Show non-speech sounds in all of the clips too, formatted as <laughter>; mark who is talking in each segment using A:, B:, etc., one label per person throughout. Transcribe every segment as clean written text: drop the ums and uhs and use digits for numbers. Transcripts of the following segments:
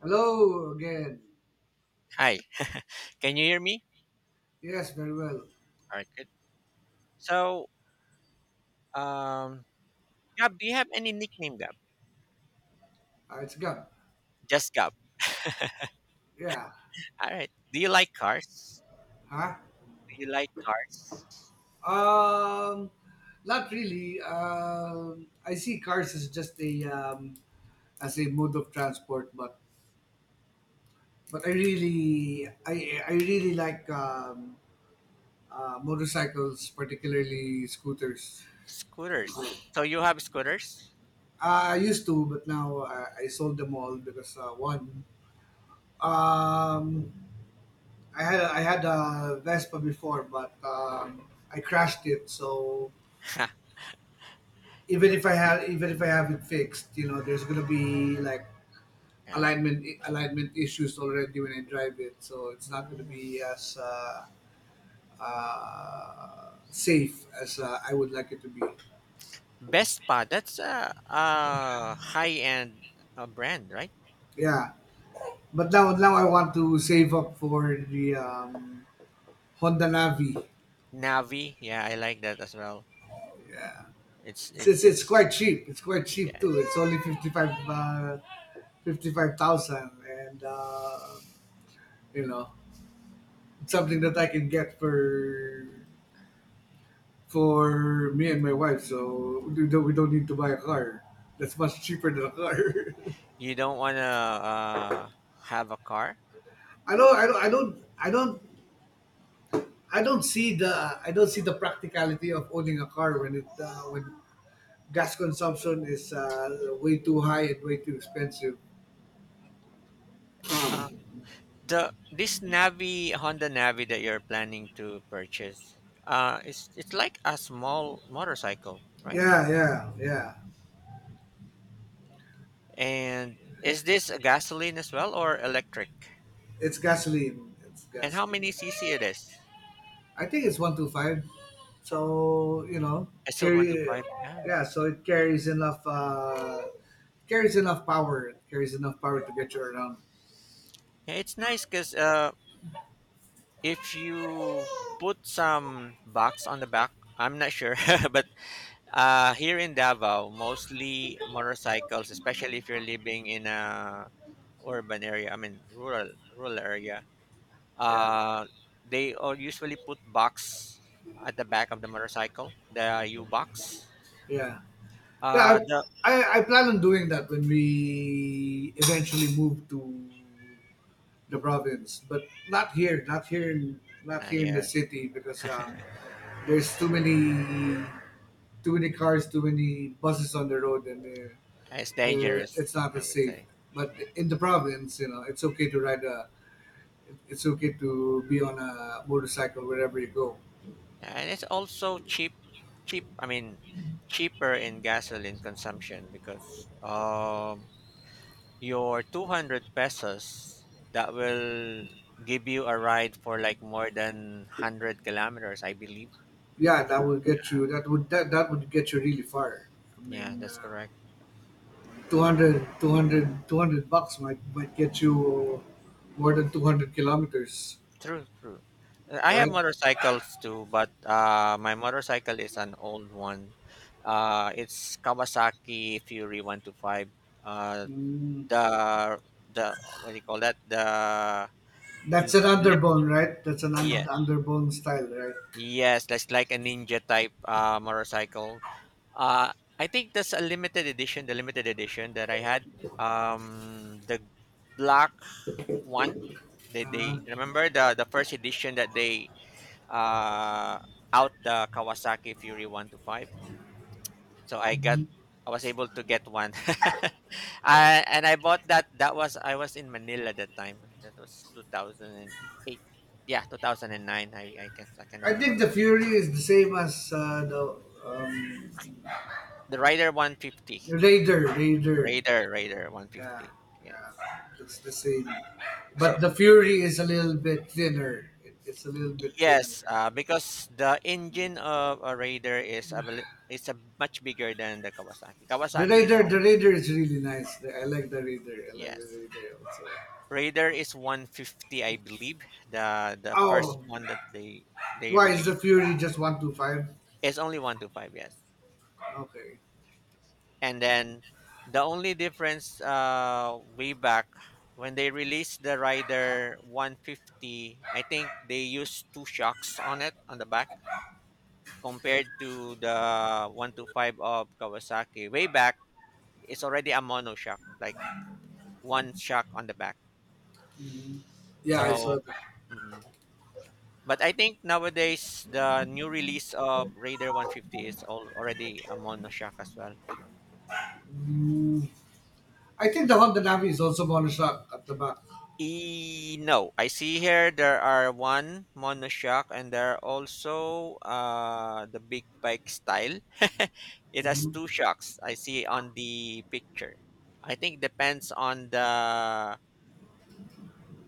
A: Hello again.
B: Hi, can you hear me?
A: Yes, very well.
B: All right, good. So, um, Gab, do you have any nickname, Gab?
A: It's good.
B: Just Gab.
A: Yeah.
B: All right. Do you like cars?
A: Huh?
B: Do you like cars?
A: Um, Not really. I see cars as just a as a mode of transport, but I really like motorcycles, particularly scooters. Uh,
B: Scooters. So you have scooters?
A: I used to, but now I sold them all because one. Um, I had a Vespa before, but I crashed it. So
B: Ha,
A: even if I have it fixed, there's gonna be like
B: Gab.
A: alignment issues already when I drive it. So it's not gonna
B: Mm.
A: be as safe as I would like it to be.
B: Vespa. That's a high-end brand, right?
A: Yeah, but now I want to save up for the Honda Navi.
B: Navi. Yeah, I like that as well.
A: Yeah,
B: It's
A: it's,
B: it
A: it's it's
B: it's
A: quite cheap. It's quite cheap
B: yeah.
A: too. It's only 55. 55,000, and you know, it's something that I can get for me and my wife. So we don't need to buy a car. That's much cheaper than a car. <laughs>
B: You don't wanna have a car?
A: I don't, I don't, I don't, I don't, I don't see the, I don't see the practicality of owning a car when when gas consumption is way too high and way too expensive.
B: The this Navi Honda Navi that you're planning to purchase, it's like a small motorcycle, right?
A: Yeah, yeah, yeah.
B: And is this a gasoline as well or electric?
A: It's gasoline. It's
B: And
A: gas.
B: how many cc it is?
A: I think it's 125. So
B: I still want to
A: carry,
B: five. Yeah,
A: yeah.
B: I
A: So
B: see.
A: it carries enough power. It carries enough power to get you around.
B: Yeah, it's nice because if you put some box on the back, I'm not sure, <laughs> but here in Davao, mostly motorcycles, especially if you're living in a urban area. I mean, rural area.
A: Yeah,
B: Uh, they are usually put box at the back of the motorcycle, the U box.
A: yeah, yeah. I,
B: The
A: I, I plan on doing that when we eventually move to the
B: Mhm.
A: province, but not
B: Ah,
A: here in the
B: yeah,
A: city because there's too many cars, too many buses on the road, and
B: it's dangerous.
A: it's not
B: I
A: as
B: would
A: safe.
B: say,
A: But
B: yeah,
A: in the province, it's okay to be on a motorcycle wherever you go.
B: and it's also cheap. I mean, cheaper in gasoline consumption because your 200 pesos that will give you a ride for like more than 100 kilometers, I believe.
A: Yeah, that would get you. That would get you really far. I
B: Yeah,
A: mean,
B: that's correct.
A: 200 bucks might get you more than 200 kilometers,
B: True, true. I have
A: right?
B: motorcycles too, but my motorcycle is an old one. It's Kawasaki Fury 125. Uh,
A: Mm,
B: the the what do you call that? The
A: that's
B: l-
A: an
B: lip,
A: underbone, right? That's an
B: yeah,
A: underbone style, right?
B: yes, that's like a ninja type motorcycle. Uh, I think that's a limited edition. The limited edition that I had, the black one. They
A: Uh,
B: they remember the first edition that they uh, out the Kawasaki Fury 1 to 5. So I was able to get one. <laughs> And I bought that. That was I was in Manila that time. That was 2008. Yeah, 2009. I can
A: I think
B: remember.
A: the Fury is the same as the um,
B: The Rider 150.
A: Raider. Raider.
B: Raider
A: Yeah,
B: 150. Yes.
A: yeah, it's the same.
B: So
A: But the Fury is a little bit thinner. It's a little bit thinner.
B: yes,
A: Yeah.
B: because the engine of a Raider is a bel- it's a much bigger than the Kawasaki.
A: The
B: Kawasaki is
A: Raider, the
B: only.
A: Raider is really nice. I like the Raider. I like the
B: Yes.
A: Raider also.
B: Raider is 150, I believe. The first
A: Oh,
B: one that they
A: why is the
B: released
A: Fury just 125?
B: is only 125, yes.
A: Okay.
B: And then the only difference way back when they released the Rider 150, I think they used two shocks on it on the back compared to the 125 of Kawasaki. Way back, it's already a mono shock, like one shock on the back.
A: Mhm. Yeah, I saw
B: So,
A: that.
B: mhm. But I think nowadays the new release of Raider 150 is already a monoshock as well.
A: Mm. I think the Honda Navi is also monoshock at the back.
B: E no, I see here there are one monoshock and there are also the big bike style. <laughs> It has
A: Mhm.
B: two shocks. I see on the picture. I think depends on the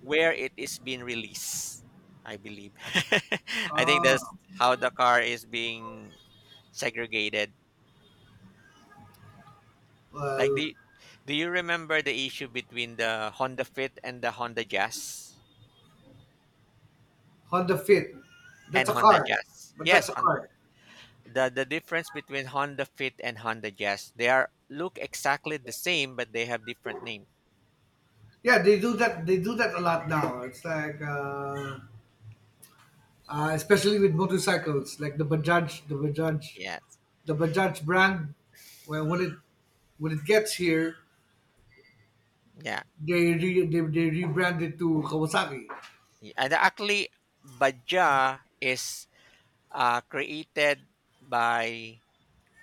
B: where it is being released. I believe. <laughs> I think
A: Ah,
B: that's how the car is being segregated. Like,
A: well,
B: do you remember the issue between the Honda Fit and the Honda Jazz?
A: Honda Fit.
B: And
A: That's a
B: Honda
A: car,
B: Jazz.
A: but
B: Yes,
A: that's a
B: Hon-
A: car.
B: the the difference between Honda Fit and Honda Jazz, they are look exactly the same, but they have different name.
A: Yeah, they do that. They do that a lot now. It's like, especially with motorcycles, like
B: Yes,
A: the Bajaj brand. When when it when it gets here,
B: yeah,
A: they rebrand it to Kawasaki.
B: and actually, Baja is created by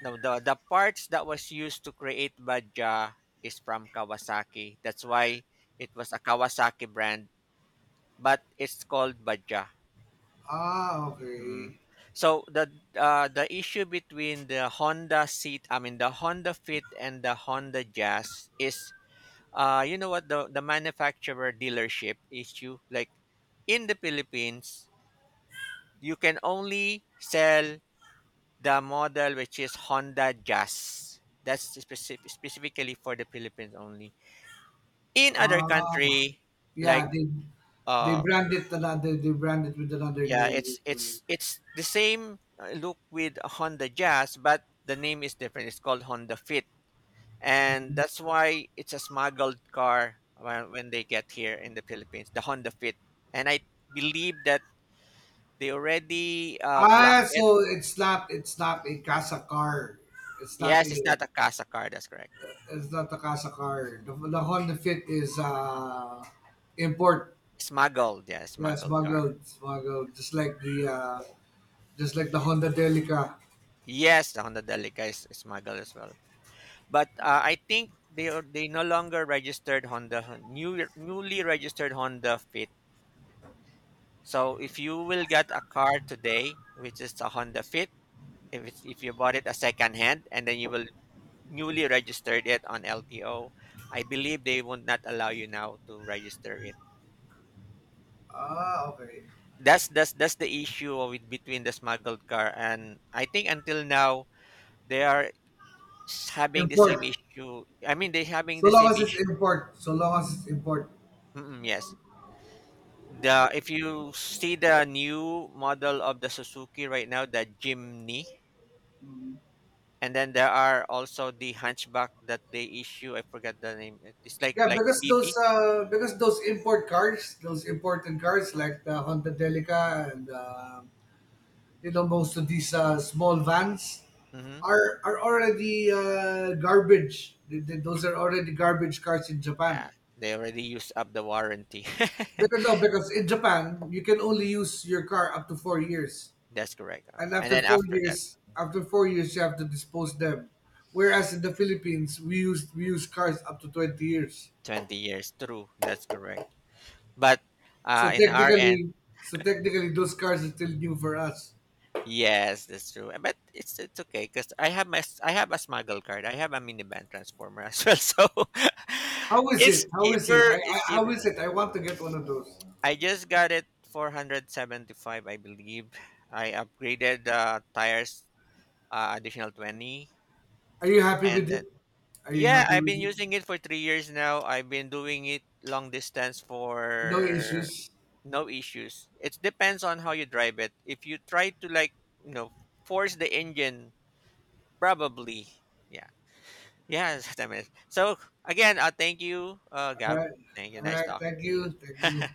B: no the parts that was used to create Baja is from Kawasaki. That's why it was a Kawasaki brand, but it's called Baja.
A: Ah,
B: Mm.
A: okay.
B: So the issue between the Honda Seat, I mean the Honda Fit and the Honda Jazz is, you know what the manufacturer dealership issue. Like in the Philippines, you can only sell the model which is Honda Jazz. That's specifically for the Philippines only. In other
A: Ah,
B: country,
A: yeah.
B: like
A: They
B: uh,
A: brand it another. They brand it with another
B: yeah,
A: name.
B: it's
A: Mhm.
B: it's the same look with a Honda Jazz, but the name is different. It's called Honda Fit, and that's why it's a smuggled car when they get here in the Philippines. The Honda Fit, and I believe that they already block
A: Ah,
B: it.
A: so it's not a Casa car. It's not
B: Yes, it's
A: a
B: not a casa car. That's correct.
A: It's not Takasa car. The Honda Fit is import.
B: Smuggled, yeah,
A: Yeah,
B: smuggled car.
A: smuggled, smuggled. Just like the Honda Delica.
B: Yes, the Honda Delica is smuggled as well. But I think they no longer registered Honda newly registered Honda Fit. So if you will get a car today, which is a Honda Fit, if you bought it a second hand and then you will newly registered it on LTO, I believe they would not allow you now to register it.
A: Ah, okay.
B: That's the issue with between the smuggled car, and I think until now they are having the same
A: Import.
B: issue. I mean they having
A: So
B: the
A: long
B: same
A: as it's
B: issue.
A: import. So long as it's import.
B: Mm-mm, yes. The if you see the new model of the Suzuki right now, the Jimny, and then there are also the Hunchback that they issue. I forgot the name. It's like
A: Yeah,
B: like BB.
A: because those import cars, those imported cars like the Honda Delica and most of these small vans
B: Mm-hmm.
A: are already garbage. Those are already garbage cars in Japan.
B: Yeah, they already used up the warranty. <laughs>
A: Because no, because in Japan you can only use your car up to 4 years,
B: That's correct. Uh,
A: and
B: And then after that,
A: after 4 years you have to dispose them. Whereas in the Philippines we use cars up to 20 years.
B: 20 years. True. That's correct. But
A: So
B: in our end,
A: technically, so technically those cars are still new for us.
B: yes, that's true. But it's okay because I have I have a smuggle card. I have a minivan transformer as well. <laughs> So
A: How
B: <laughs>
A: is
B: it's
A: it? How is it?
B: cheaper. It's
A: How
B: cheaper.
A: is it? I want to get one of those.
B: I just got it 475, I believe. I upgraded the tires, additional 20,
A: Are you happy with
B: and
A: it?
B: then,
A: Are you
B: yeah,
A: happy
B: I've
A: with
B: been
A: it?
B: using it for 3 years now. I've been doing it long distance
A: No
B: for
A: issues.
B: no issues. It depends on how you drive it. If you try to, like, you know force the engine, probably. Yeah, yeah. <laughs> That's what I meant. So, again, thank you,
A: All
B: Gab.
A: right.
B: Thank you.
A: All
B: Nice
A: right.
B: talking
A: Thank
B: to you.
A: you. Thank you.